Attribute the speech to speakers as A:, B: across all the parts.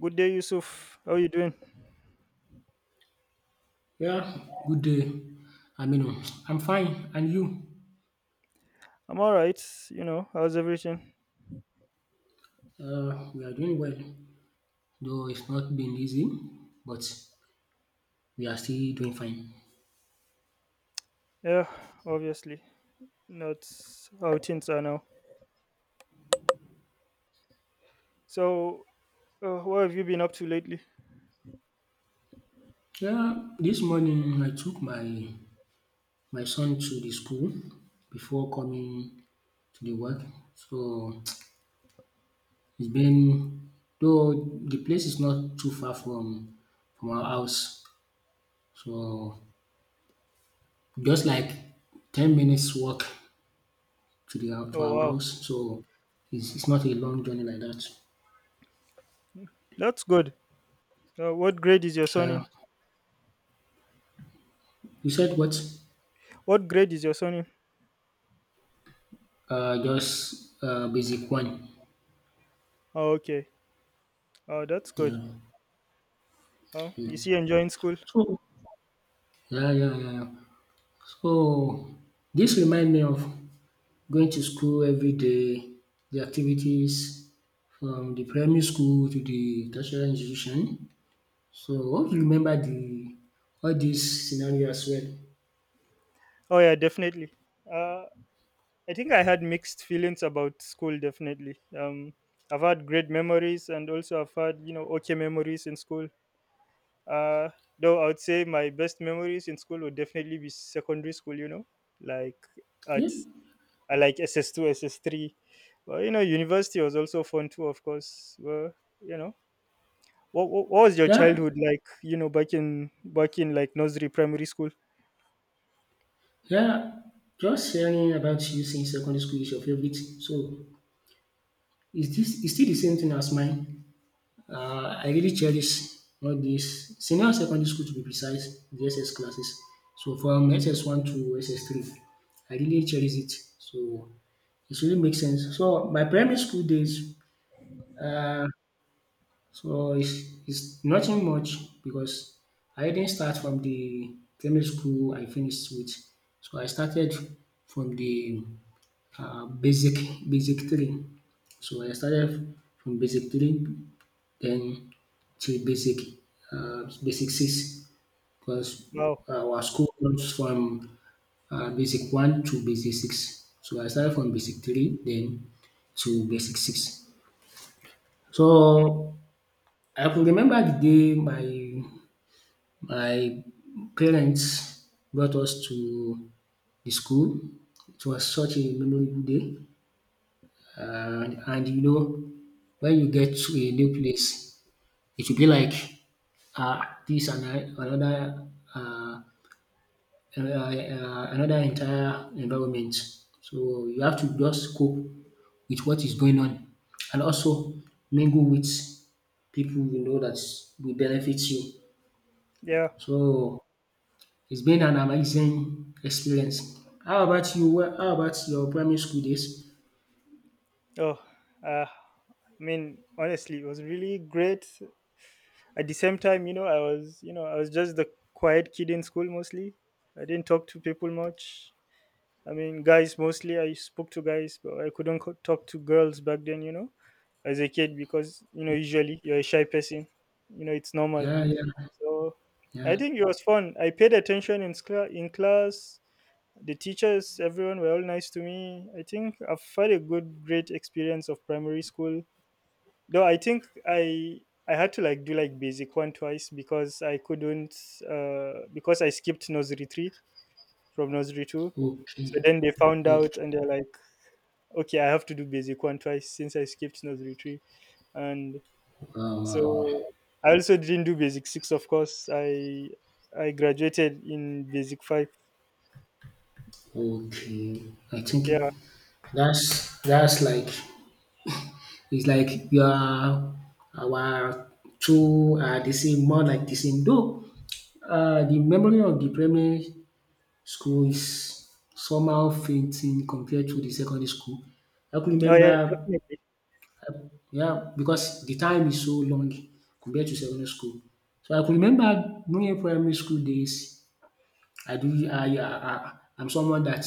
A: Good day, Yusuf. How you doing?
B: Yeah, good day. I mean, I'm fine. And you?
A: I'm all right. You know, how's everything?
B: We are doing well, though it's not been easy, but we are still doing fine.
A: Yeah, obviously. That's how things are now. So, what have you been up to lately?
B: Yeah, this morning I took my son to the school before coming to the work. So it's been though the place is not too far from our house. So just like 10 minutes walk to
A: Oh,
B: our
A: wow.
B: house. So it's not a long journey like that.
A: That's good. What grade is your son
B: Uh,
A: in?
B: you said what?
A: What grade is your son in?
B: Just basic one.
A: Oh, okay. Oh, that's good.
B: Yeah.
A: Oh, is he enjoying school?
B: So yeah, yeah, yeah, yeah. So this remind me of going to school every day, the activities from the primary school to the tertiary institution. So I want to remember the all these scenario as well.
A: Oh, yeah, definitely. Uh, I think I had mixed feelings about school, definitely. I've had great memories and also I've had, you know, okay memories in school. Uh, though I would say my best memories in school would definitely be secondary school. You know, like
B: Yeah,
A: at I like SS two, SS three. Well, you know, university was also fun too, of course. Well, you know, what was your
B: yeah.
A: childhood like? You know, back in like nursery, primary school.
B: Yeah, just hearing about you since secondary school is your favorite. So is this is still the same thing as mine. I really cherish all this senior secondary school to be precise, the SS classes. So from SS1 to SS3, I really cherish it. So it really makes sense. So my primary school days, uh, so it's nothing much because I didn't start from the primary school I finished with. So I started from the um basic basic three. So I started from basic three then to basic six because
A: Wow.
B: our school runs from basic one to basic six. So I started from basic three then to basic six.
A: Mm,
B: So I could remember the day my parents brought us to the school. It was such a memorable day. And you know, when you get to a new place, it will be like this and another uh, another entire environment. So you have to just cope with what is going on, and also mingle with people you know that will benefit you.
A: yeah.
B: So, it's been an amazing experience. How about you? Wh how about your primary school days?
A: Oh. I mean, honestly, it was really great. At the same time, you know, you know, I was just the quiet kid in school mostly. I didn't talk to people much. I mean, guys mostly. I spoke to guys, but I couldn't talk to girls back then, you know, as a kid because you know usually you're a shy person. You know, it's normal.
B: Yeah, yeah,
A: So I
B: yeah.
A: think it was fun. I paid attention in in class. The teachers, everyone were all nice to me. I think I've had a good, great experience of primary school. Though I think I had to like do like basic one twice because I couldn't because I skipped nursery three from nursery two.
B: Okay,
A: So then they found out
B: okay.
A: and they're like, okay, I have to do basic one twice since I skipped nursery three, and
B: Wow, wow,
A: so I also didn't do basic six. Of course, I graduated in basic five.
B: wow. Okay. I think
A: Yeah.
B: that's like it's like you are our two are the same, more like the same. Though the memory of the primary school is somehow fainting compared to the secondary school. I could
A: Oh yeah,
B: remember.
A: definitely.
B: Yeah, because the time is so long compared to secondary school. So I could remember during primary school days, I do I I'm someone that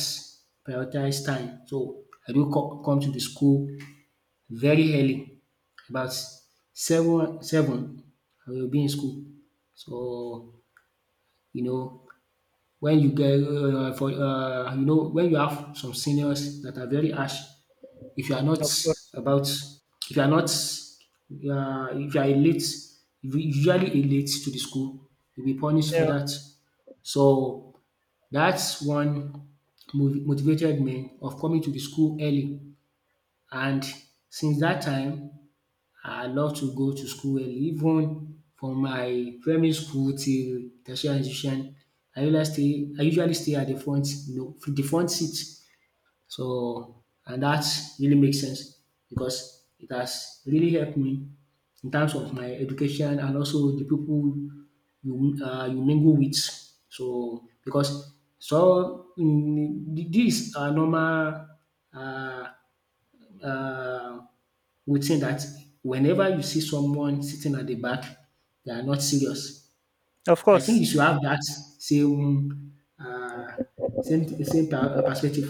B: prioritize time. So I do come to the school very early, about seven I will be in school. So you know when you get for you know when you have some seniors that are very harsh if you are not
A: Of course.
B: about, if you are not, if you are late, if you usually late to the school, you'll be punished for
A: Yeah.
B: that. So that's one motivated me of coming to the school early. And since that time, I love to go to school early. Even from my primary school till tertiary institution, I usually stay. I usually stay at the front, the front seat. So, and that really makes sense because it has really helped me in terms of my education and also the people you mingle with. So, because so mm, these are normal uh, uh, routine that whenever you see someone sitting at the back, they are not serious.
A: Of
B: I think
A: course.
B: you should have that same uh, perspective.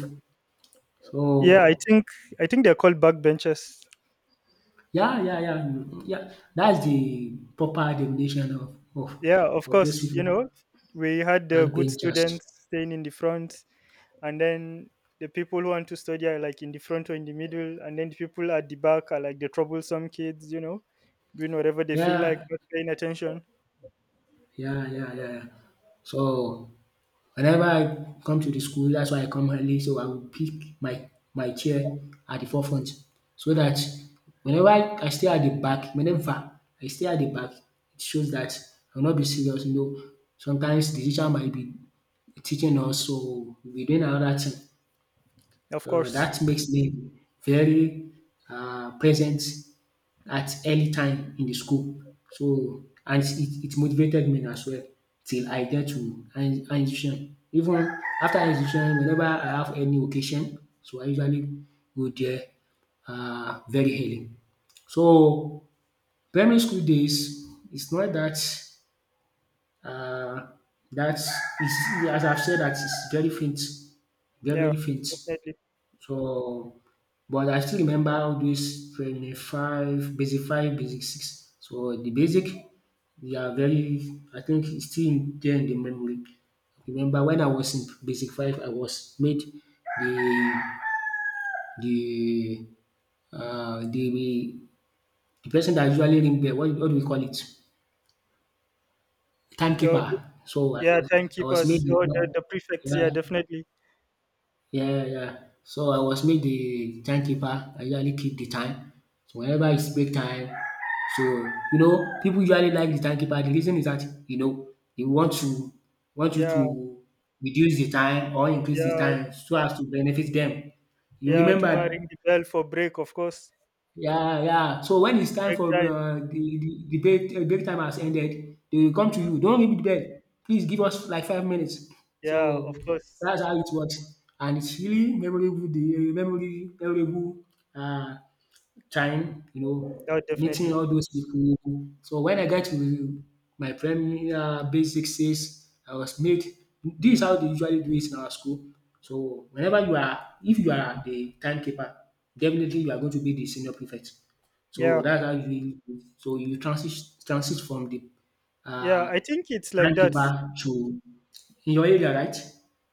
A: Yeah. I
B: So
A: think I think they're called backbenchers.
B: yeah, yeah, yeah, mm, yeah. That's the proper definition of
A: Yeah. Of
B: those
A: course. You
B: people
A: know, we had the good
B: backbenchers.
A: students staying in the front, and then the people who want to study are like in the front or in the middle and then the people at the back are like the troublesome kids you know doing whatever they feel like
B: Yeah,
A: not paying attention
B: yeah, yeah, yeah, yeah. So whenever I come to the school, that's why I come early. So I will pick my my chair at the forefront so that whenever I stay at the back, whenever I stay at the back, it shows that I'll not be serious. You know, sometimes the teacher might be teaching us, so we'll be doing another thing.
A: of
B: So
A: course
B: that makes me very present at early time in the school. So and it motivated me as well till I get to high institution. Even after high institution, whenever I have any occasion, so I usually go there very early. So primary school days it's not uh, that is as I've said that it's very faint, very
A: yeah
B: very faint.
A: definitely
B: So, but I still remember all these training five, basic six. So the basic, they are very, I think it's still there in the memory. Remember when I was in basic five, I was made the the uh, the the person that usually ring bell. What do we call it?
A: oh,
B: Timekeeper. So
A: yeah
B: I was
A: timekeepers
B: made
A: oh
B: the
A: the prefects yeah
B: yeah,
A: definitely
B: yeah, yeah, yeah. So I was made the timekeeper. I usually keep the time. So whenever it's break time, so you know, people usually like the timekeeper. The reason is that you know they want you
A: yeah
B: to reduce the time or increase the
A: yeah
B: time so as to benefit them. You
A: yeah to go and ring
B: remember.
A: the bell for break of course
B: Yeah, yeah. So when it's time
A: break
B: for
A: time.
B: the break time has ended, they will come to
A: Mhm.
B: you. Don't leave the bed. Please give us like 5 minutes.
A: Yeah of
B: So
A: course.
B: that's how it works, and it's really memorable. The memorable, memorable, Uh, time,
A: Oh,
B: meeting
A: definitely
B: all those people. So when I got to my premier basic six, I was made. This is how they usually do it in our school. So whenever you are if you are the timekeeper, definitely you are going to be the senior prefect. So
A: yeah
B: that's how you transit from the
A: yeah
B: uh
A: I think it's like that.
B: timekeeper to, in your area, right?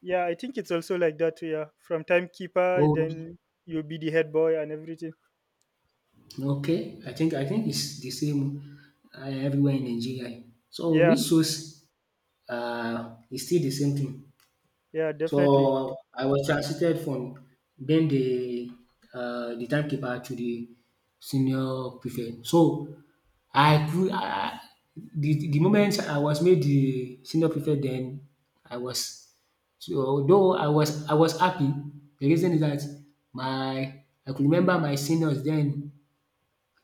A: Yeah, I think it's also like that. Yeah, from timekeeper,
B: Oh,
A: then you'll be the head boy and everything.
B: okay, I think it's the same everywhere in Nigeria. So
A: Yeah,
B: which shows it's still the same thing.
A: yeah, definitely.
B: So I was transited from being the timekeeper to the senior prefect. So I grew. The moment I was made the senior prefect, then I was so though I was happy. The reason is that my I could remember my seniors then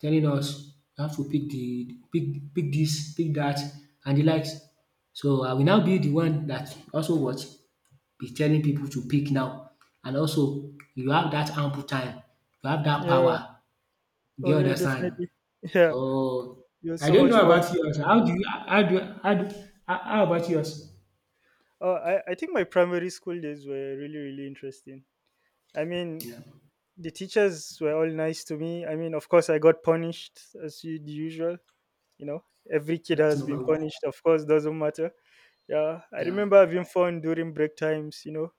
B: telling us you have to pick the pick pick this, pick that, and the likes. So I will now be the one that also what be telling people to pick now and also you have that ample time, you have that
A: Yeah.
B: power, do
A: Oh,
B: you
A: yeah,
B: understand?
A: definitely. Yeah,
B: So
A: it was
B: I
A: so
B: don't
A: much
B: know
A: fun.
B: about yours, how do you how do how do how about yours?
A: Oh, I think my primary school days were really, really interesting. I mean,
B: Yeah,
A: the teachers were all nice to me. I mean, of course, I got punished as the usual. You know, every kid
B: that's
A: has been
B: number one.
A: punished. Of course, doesn't matter. Yeah, I
B: Yeah,
A: remember having fun during break times. You know,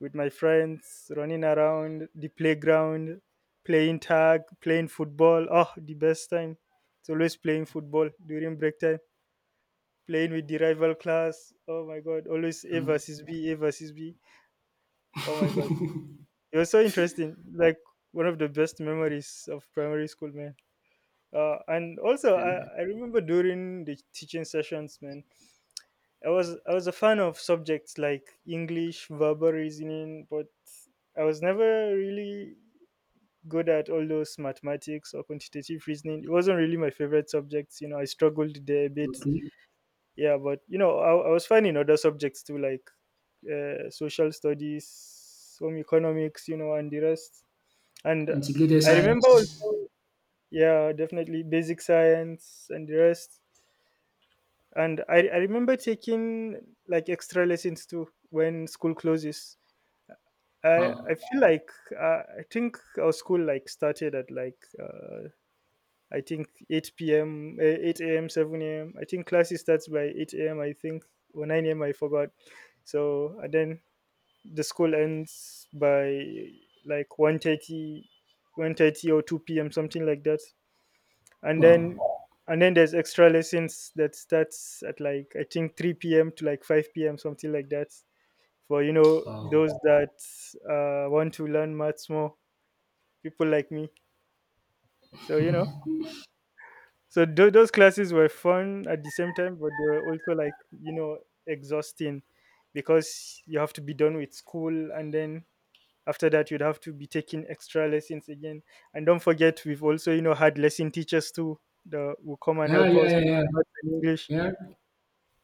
A: with my friends, running around the playground, playing tag, playing football. Oh, the best time. It's always playing football during break time, playing with the rival class. Oh my God. Always
B: um
A: A versus B. Oh my God. It was so interesting. Like one of the best memories of primary school, man. And also, I remember during the teaching sessions, man, I was a fan of subjects like English, verbal reasoning, but I was never really good at all those mathematics or quantitative reasoning. It wasn't really my favorite subjects. You know, I struggled there a bit.
B: okay.
A: Yeah, but you know, I was fine in other subjects too, like social studies, home economics, you know, and the rest. And
B: Integrated
A: I remember
B: science.
A: also, yeah, definitely basic science and the rest. And I remember taking like extra lessons too when school closes. I
B: Wow!
A: feel like I think our school like started at like I think 8 p.m., 8 a.m., 7 a.m. I think classes starts by 8 a.m. I think or 9 a.m. I forgot. So and then the school ends by like 1:30, 1:30 or 2 p.m. something like that. And
B: Wow!
A: then and then there's extra lessons that starts at like I think 3 p.m. to like 5 p.m. something like that. For you know those
B: Wow!
A: that want to learn maths more, people like me. So you know so those classes were fun at the same time, but they were also like you know exhausting because you have to be done with school, and then after that you'd have to be taking extra lessons again. And don't forget, we've also you know had lesson teachers too that will come and
B: Yeah,
A: help
B: yeah,
A: us
B: yeah,
A: with
B: yeah.
A: math and English.
B: Yeah.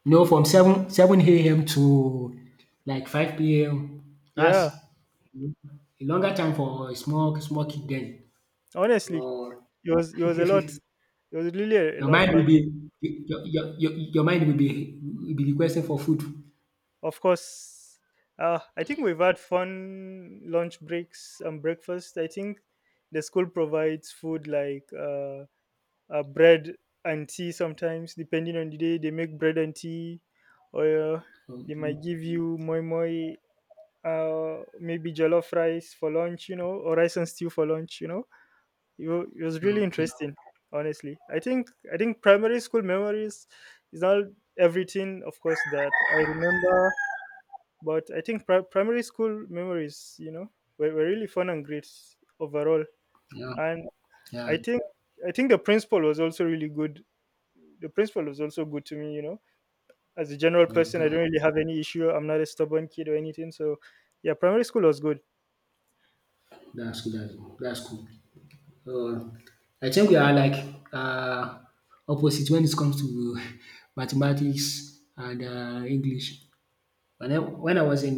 B: No, from seven AM to like five PM. Dat's a
A: Yeah,
B: longer time for a small small kid den.
A: honestly,
B: Your
A: it was a lot. It was really a
B: your
A: lot
B: mind
A: back
B: will be
A: then.
B: your mind will be requesting for food.
A: Of course, I think we've had fun lunch breaks and breakfast. I think the school provides food like bread and tea sometimes, depending on the day. They make bread and tea, or they
B: Okay,
A: might give you moi moi, maybe jollof rice for lunch, you know, or rice and stew for lunch, you know. It, it was really
B: okay.
A: interesting, honestly. I think primary school memories is not everything, of course, that I remember but I think primary school memories, you know, were really fun and great overall.
B: Yeah,
A: And
B: yeah.
A: I think I think the principal was also really good. The principal was also good to me, you know. As a general person, I
B: Okay.
A: don't really have any issue. I'm not a stubborn kid or anything. So, yeah, primary school was good.
B: Dat's good, dat's good, dat's cool. So, I think we are like um opposite when it comes to mathematics and English. And then when I was in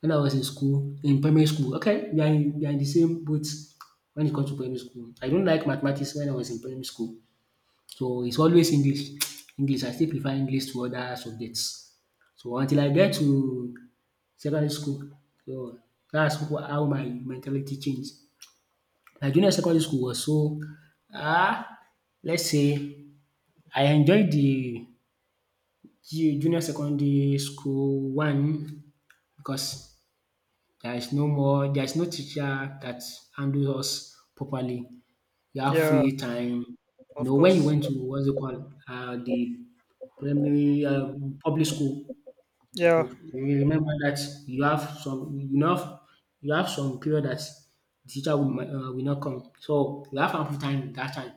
B: when I was in school, in primary school, okay, we are in the same boat when it comes to primary school. I don't like mathematics when I was in primary school, so it's always English. English, I still prefer English to other subjects. So until I get to secondary school, so that's how my mentality changed. My junior secondary school was so ah, let's say I enjoyed the ju junior secondary school one because there is no more, there is no teacher that handles us properly. You have
A: Yeah,
B: free time. You
A: of
B: know, when you
A: course.
B: went to what's it called, the primary public school, you,
A: Yeah,
B: you remember that you have some you know you have some period that the teacher will, will not come. So you have ample time that time.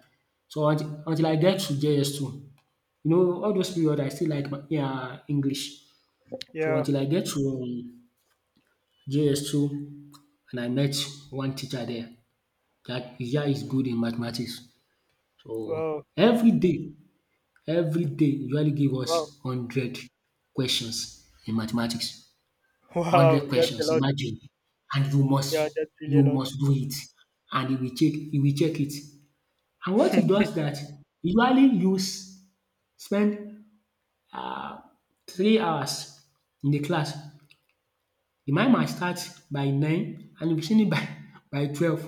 B: So until I get to JS2, you know, all those period I still like my yeah, English. So
A: yeah.
B: until I get to JS2 and I met one teacher there. That Iya is good in mathematics. So
A: Wow,
B: everyday usually give
A: wow,
B: us 100 questions in mathematics.
A: wow.
B: Hundred
A: That's a
B: questions,
A: lot.
B: imagine. And you
A: Yeah,
B: must
A: that's really a
B: you
A: lot.
B: must do it. And he will check it. And what he does that he usually use spend um 3 hours in the class. The mind might start by 9 and you will finish by by 12.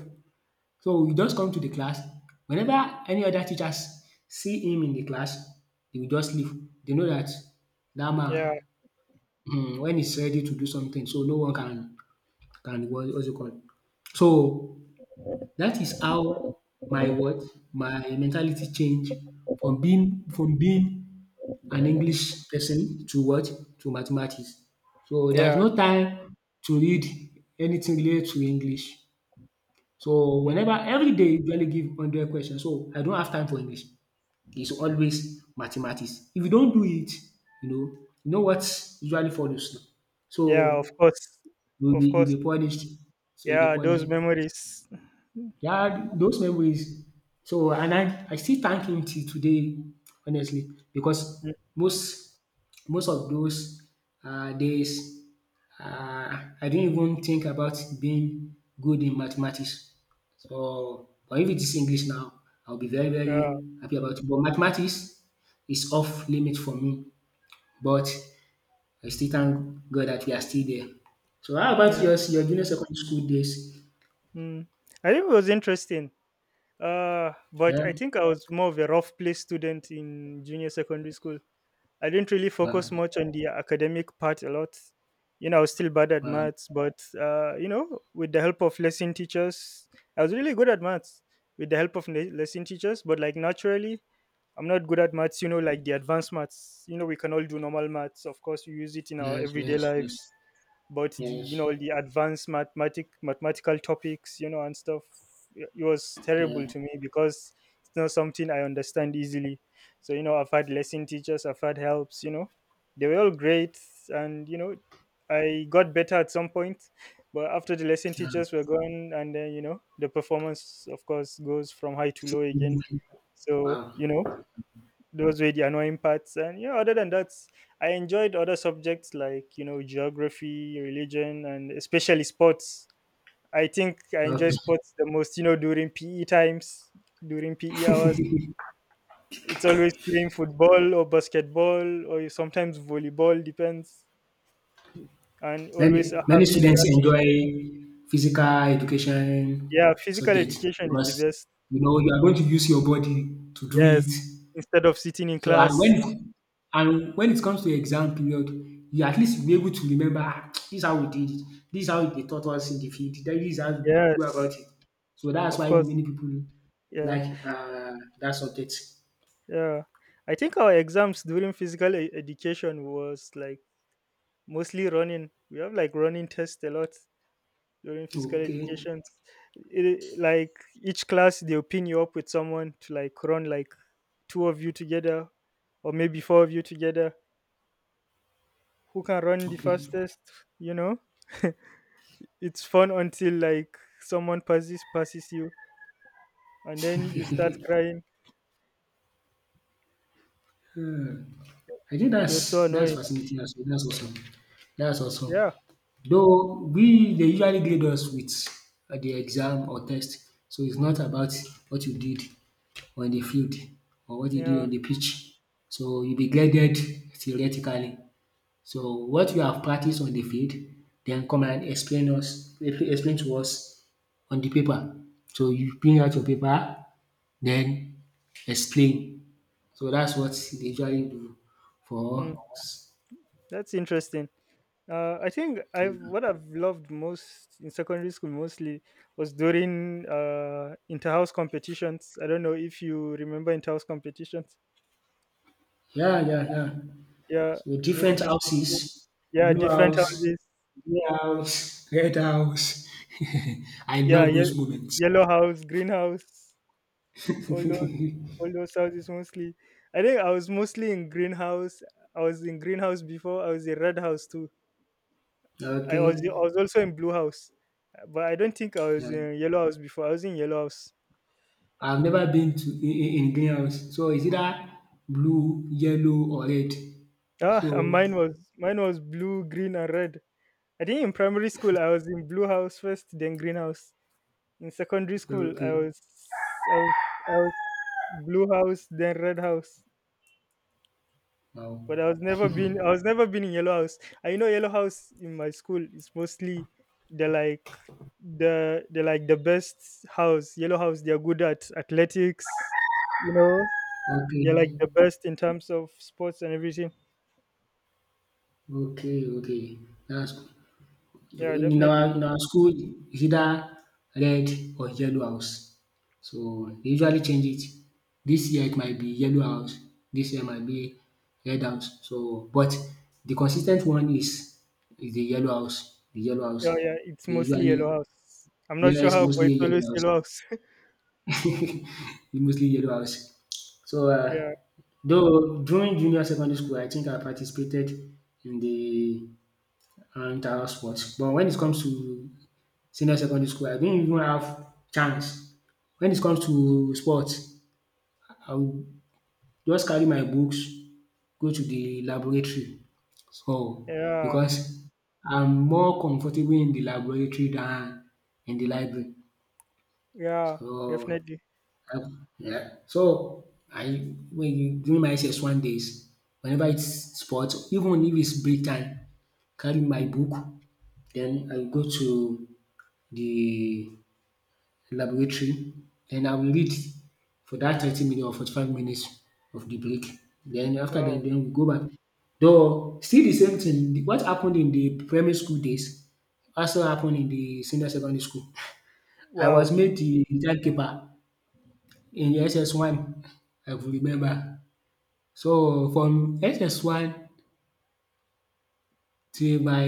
B: So he just come to the class. Whenever any other teachers see him in the class, they will just leave. They know that that man
A: Yeah,
B: when he's ready to do something so no one can what's it called. So that is how my what my mentality change from being an English person to mathematics. So there is
A: yeah,
B: no time to read anything related to English. So
A: mm,
B: whenever every day you usually give 100 questions, so I don't have time for English. It's always mathematics. If you don't do it, you know you know what usually follows now.
A: yeah. Of
B: So
A: course,
B: you'll be
A: of
B: you'll
A: course.
B: be punished. So you'll be
A: Yeah, those
B: punished.
A: memories.
B: Yeah, those memories. So, and I still thank him till today, honestly, because
A: Mm,
B: most most of those days, I didn't even think about being good in mathematics. So, but if it is English now, I'll be very,
A: yeah,
B: very happy about it. But mathematics is off limit for me. But I still thank God that we are still there. So, how about
A: yeah.
B: yours, your junior secondary school days?
A: Mm. I think it was interesting. But
B: Yeah.
A: I think I was more of a rough play student in junior secondary school. I didn't really focus
B: Wow.
A: much on the academic part a lot. You know, I was still bad at
B: Wow.
A: maths, but you know, with the help of lesson teachers, I was really good at maths with the help of lesson teachers. But like naturally, I'm not good at maths. You know, like the advanced maths. You know, we can all do normal maths. Of course, we use it in our
B: Yes,
A: everyday
B: yes,
A: lives,
B: yes.
A: but the, you
B: Yes.
A: know, the advanced mathematical topics, you know, and stuff, it was terrible
B: Yeah.
A: to me because it's not something I understand easily, so, you know, I've had lesson teachers, I've had helps, you know, they were all great, and, you know, I got better at some point, but after the lesson
B: Yeah.
A: teachers were gone, and then, you know, the performance of course goes from high to low again, so,
B: Wow.
A: you know, those were the annoying parts, and yeah, other than that, I enjoyed other subjects like, you know, geography, religion, and especially sports. I enjoy
B: Okay.
A: sports the most, you know, during PE times, during PE hours. It's always playing football or basketball or sometimes volleyball, depends, and
B: Many
A: always
B: many
A: having
B: students
A: that,
B: enjoy physical education
A: yeah, physical
B: subject
A: education is
B: because
A: the best,
B: you know you are going to use your body to do it.
A: yes, instead of sitting in
B: So and
A: class,
B: when and when it comes to exam period, you at least be able to remember ah, this is how we did it, this is how they taught us in the field, then this is how we go
A: yes,
B: about it. So that's
A: of
B: why
A: course,
B: many people
A: yeah.
B: like that subject.
A: Yeah, I think our exams during physical education was like mostly running. We have like running tests a lot during physical
B: Okay,
A: education. It, like, each class, they'll pin you up with someone to like run like two of you together, or maybe four of you together. Who can run the
B: okay.
A: fastest? You know, it's fun until like someone passes you, and then you start crying.
B: I think
A: You're so
B: that's
A: annoying.
B: fascinating as well. That's awesome. That's awesome.
A: Yeah,
B: Though we they usually grade us with the exam or test, so it's not about what you did on the field or what you did
A: yeah.
B: on the pitch. So you'll be graded theoretically. So what you have practiced on the field, then come and explain to us on the paper. So you bring out your paper, then explain so that's what they usually do
A: Mm,
B: for us.
A: that's interesting. I think I've what I've loved most in secondary school mostly was during inter-house competitions. I don't know if you remember inter-house competitions.
B: Yeah, yeah, yeah.
A: Yeah,
B: So
A: during
B: different
A: the school days.
B: houses,
A: Yeah,
B: blue
A: different
B: house,
A: houses.
B: green house, red house. I
A: Yeah,
B: love
A: ye-
B: those moments.
A: yellow house, green house, all those all those houses mostly. I think I was mostly in green house. I was in green house before. I was in red house too. I
B: Okay.
A: was also in blue house, but I don't think I was
B: Yeah.
A: in yellow house before. I was in yellow house.
B: I've never been to in greenhouse. So it's either blue, yellow, or red.
A: Ah, and
B: So
A: mine was blue, green, and red. I think in primary school I was in blue house first, then green house. In secondary school I
B: okay.
A: was I was I was blue house, then red house.
B: Wow.
A: But I was never been in yellow house. I know yellow house in my school is mostly the like the like the best house. Yellow house they are good at athletics, you know.
B: Okay.
A: They're like the best in terms of sports and everything.
B: Okay. Okay. That's
A: Yeah,
B: in our
A: definitely.
B: in our school is either red or yellow house. So dey usually change it. This year it might be yellow house, this year might be red house. So but the consistent one is the yellow house, the yellow house.
A: Oh yeah, it's
B: Dey
A: mostly
B: usually
A: Yellow House. I'm not sure
B: yes
A: how, but
B: mostly
A: it's
B: yellow
A: always
B: house,
A: Yellow House.
B: mostly yellow house. So
A: Yeah,
B: though during junior secondary school I think I participated in the around sports but when it comes to senior secondary school, I didn't even have chance. When it comes to sports, I will just carry my books, go to the laboratory. So,
A: yeah,
B: because I'm more comfortable in the laboratory than in the library.
A: yeah,
B: So,
A: definitely.
B: I, yeah. So, I when you, during my SS1 days, whenever it's sports, even if it's break time, carry my book, then I go to the laboratory, then I will read for that 30 minutes or 45 minutes of the break. Then after that,
A: Wow,
B: then we go back. Though still the same thing, what happened in the primary school days also happened in the senior secondary school. I was
A: wow,
B: made the timekeeper in SS1, I could remember. So from SS1 till my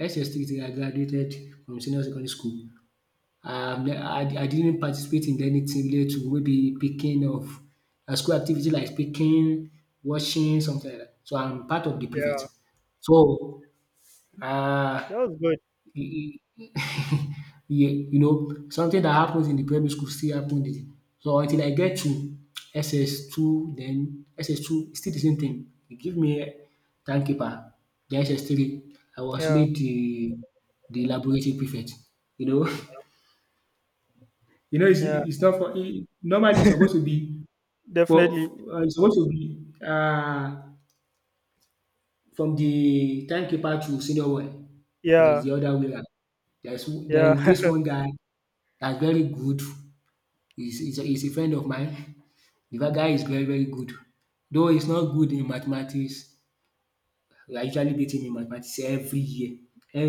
B: SS3 till I graduated from senior secondary school. I didn't participate in anything related to maybe picking of school activity like picking, washing, something like that. So I'm part of the prefect.
A: yeah,
B: So um
A: that was good.
B: e e you know something that happens in the primary school still happen in so until I get to SS2 then SS2 still the same thing. They give me time keeper. Then SS3 I was
A: Yeah,
B: made the laboratory prefect. You know you know it's
A: yeah,
B: it's not not
A: definitely.
B: It's supposed to be from the timekeeper to senior one, but it's
A: Yeah,
B: the other way around. There's there
A: yeah,
B: is this one guy that's very good. He's a friend of mine. The other guy is very very good, though he's not good in mathematics. I usually beat him in mathematics every year,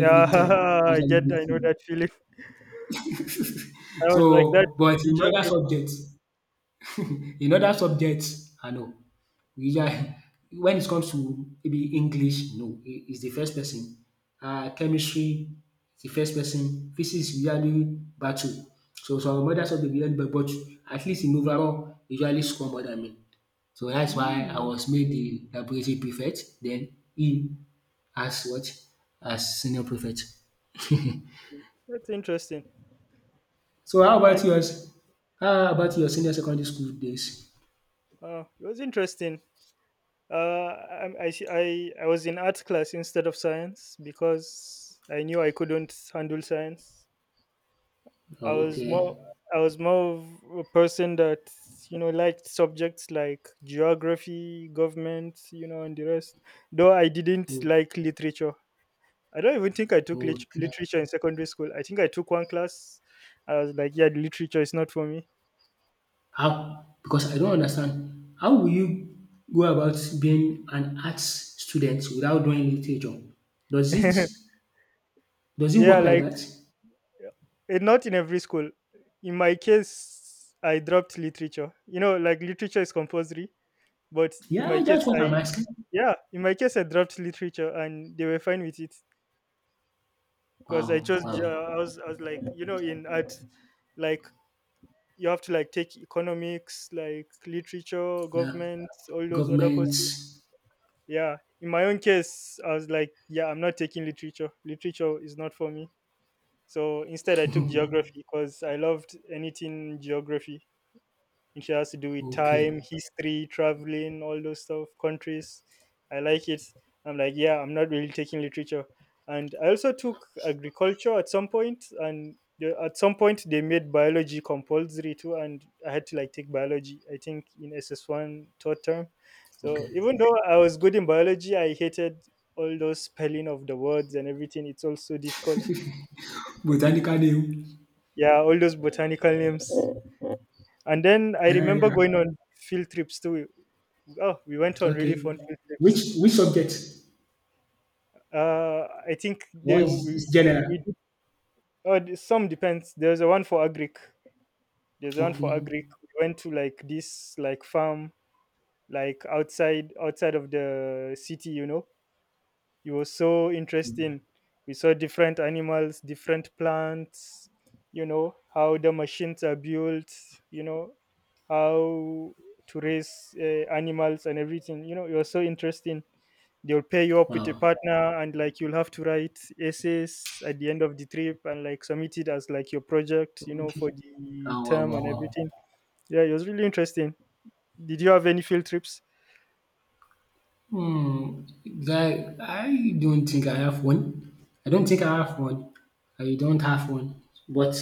A: yeah.
B: time. I
A: I
B: usually
A: get, I
B: beat
A: know
B: him.
A: that feeling. I was like that
B: So, but
A: in geography.
B: in other subjects, I know. Yeah, when it comes to maybe English, no, he's the first person. Chemistry, the first person. Physics usually battle. So some other subject usually but at least in overall, usually score more than me. So that's why I
A: Hmm,
B: was made the laboratory prefect. Then he as what? As senior prefect.
A: that's interesting.
B: So how
A: I,
B: about yours? How about your senior secondary school days?
A: it was interesting. I was in art class instead of science because I knew I couldn't handle science. I
B: Oh,
A: was
B: okay.
A: more, I was more of a person that, liked subjects like geography, government, and the rest. Though I didn't
B: Oh,
A: like literature. I don't even think I took
B: okay.
A: literature in secondary school. I think I took one class. I was like, yeah, literature is not for me.
B: How? Because I don't understand. How will you go about being an arts student without doing literature? Does it does it
A: Yeah,
B: work like
A: like
B: that?
A: not in every school. In my case, I dropped literature. Like literature is compulsory, but in my
B: Yeah,
A: case,
B: that's what
A: I,
B: I'm asking.
A: yeah, in my case, I dropped literature, and they were fine with it. Because I
B: Wow,
A: chose ge-
B: wow.
A: I was I was like, in art, like you have to like take economics, like literature,
B: Yeah.
A: government, all those other
B: Government.
A: courses. Yeah, in my own case, I was like, yeah, I'm not taking literature. Literature is not for me. So instead I took geography because I loved anything geography. It has to do with
B: Okay,
A: time, history, traveling, all those stuff, countries. I like it. I'm like, yeah, I'm not really taking literature. And I also took agriculture at some point, and at some point they made biology compulsory too, and I had to like take biology. I think in SS1 third term. So
B: okay.
A: even though I was good in biology, I hated all those spelling of the words and everything. It's also difficult.
B: Botanical name.
A: Yeah, all those botanical names. And then I
B: Yeah,
A: remember
B: yeah.
A: going on field trips too. Oh, we went on really
B: Okay.
A: fun field trips.
B: Which subject?
A: I think they
B: What is general?
A: we did, oh, the- Some depends. There's a one for Agric. There's one for
B: Okay.
A: Agric. We went to like this, like farm, like outside of the city, you know. It was so interesting. We saw different animals, different plants, how the machines are built, you know how to raise animals and everything. You know, it was so interesting. They'll pair you up with a
B: Wow.
A: partner and like you'll have to write essays at the end of the trip and like submit it as like your project, for
B: Okay.
A: the
B: Wow, wow,
A: term
B: wow,
A: and
B: wow.
A: everything. Yeah, it was really interesting. Did you have any field trips?
B: Hmm, guy, I don't think I have one. I don't think I have one. I don't have one. But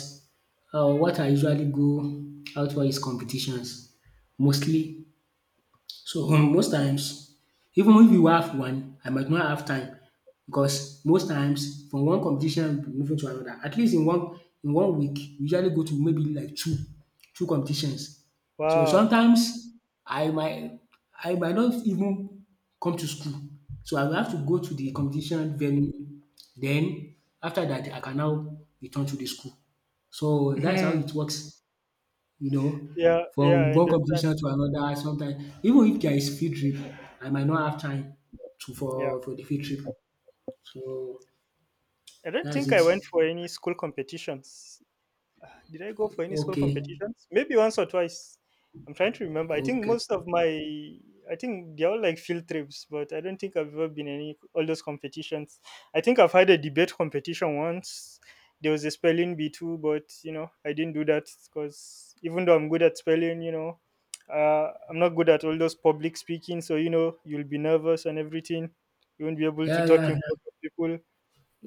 B: what I usually go out for is competitions, mostly so most times even if you have one, I might not have time because most times from one competition we moving to another. At least in one week we usually go to maybe like two competitions. So
A: Wow.
B: sometimes I might I might not even come to school. So I will have to go to the competition venue. Then after that I can now return to the school. So that's how
A: Yeah,
B: it works. You know,
A: yeah,
B: from
A: I
B: one
A: understand.
B: competition to another sometimes even if there is field trip, I might not have time to
A: Yeah,
B: for the field trip. So
A: I don't
B: that's
A: think I
B: it.
A: went for any school competitions. Did I go for any school
B: Okay.
A: competitions? Maybe once or twice. I'm trying to remember. I think
B: Okay.
A: most of my, I think they're all like field trips, but I don't think I've ever been any all those competitions. I think I've had a debate competition once. There was a spelling B2, but I didn't do that because even though I'm good at spelling, I'm not good at all those public speaking. So you'll be nervous and everything. You won't be able to
B: Yeah, yeah,
A: talk in
B: yeah.
A: front of people.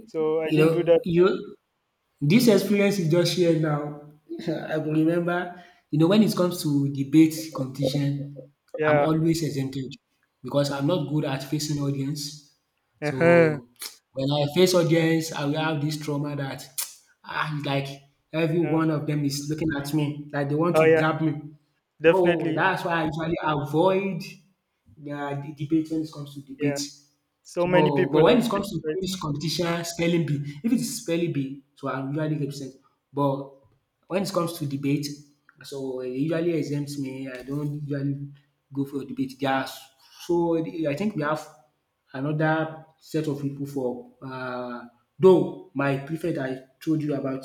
A: So I
B: You
A: didn't do
B: know,
A: that.
B: you this experience you just shared now, I will remember, you know, when it comes to debate competition, I'm
A: Yeah.
B: always exempted because I'm not good at facing audience.
A: Uh-huh.
B: So when I face audience, I will have this trauma that ah, it's like every
A: Yeah.
B: one of them is looking at me, like they want
A: Oh
B: to
A: yeah,
B: grab me. So
A: definitely.
B: that's why I usually avoid the debates when it comes to debate.
A: Yeah. So many
B: So, but
A: people
B: when
A: have
B: it
A: stage
B: comes to
A: fright.
B: quiz competition, spelling bee, if it's spelling bee, so I usually get percent. But when it comes to debate, so it usually exempts me. I don't usually go for debate. There are s- so I think we have another set of people for though my prefect I told you about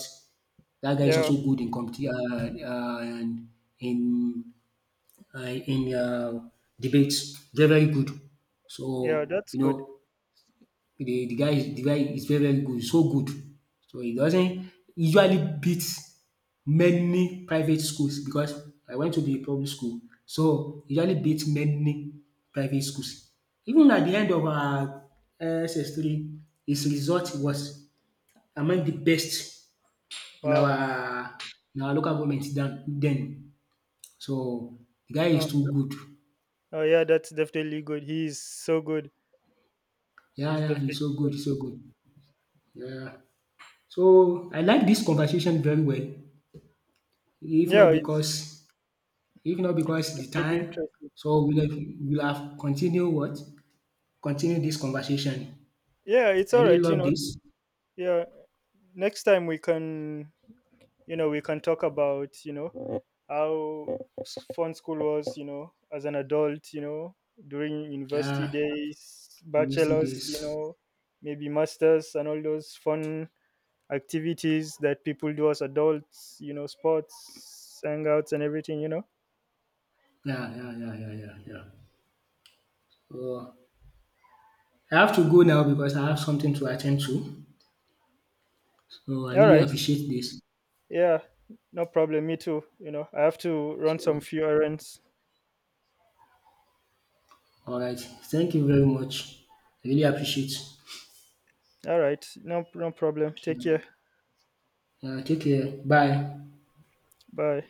B: that guy is
A: Yeah.
B: also good in competition and in uh, in uh, debates. They're very good.
A: Yeah,
B: So
A: that's
B: you
A: good.
B: know the guy is very very good, so good. So he doesn't usually beat many private schools because I went to the public school. So he usually beat many private schools. Even at the end of our S S SS3 his result was among the best in
A: Wow.
B: our in our local government then. So the guy is
A: Oh,
B: too
A: yeah.
B: good.
A: Oh yeah, that's definitely good. He's so good.
B: Yeah,
A: He's
B: yeah,
A: definitely
B: he's so
A: good.
B: good, he's so good. Yeah. So I like this conversation very well. If
A: Yeah,
B: not because if not
A: it's
B: because the
A: definitely
B: time,
A: interesting.
B: so we'll have continued what? Continue this conversation.
A: Yeah, it's
B: I
A: all
B: really
A: right, you
B: love
A: know.
B: this.
A: Yeah. Next time we can, we can talk about, how fun school was, as an adult, during university
B: Yeah,
A: days,
B: we'll see
A: bachelors,
B: this.
A: maybe masters and all those fun activities that people do as adults, you know, sports, hangouts and everything, you know.
B: Yeah, yeah, yeah, yeah, yeah, yeah. So I have to go now because I have something to attend to. So I
A: All
B: really
A: right,
B: appreciate this.
A: yeah, no problem. Me too, you know, I have to run some
B: So
A: few errands.
B: all right. Thank you very much. I really appreciate.
A: All right, no, no problem. Take care.
B: Yeah, take care. Bye.
A: Bye.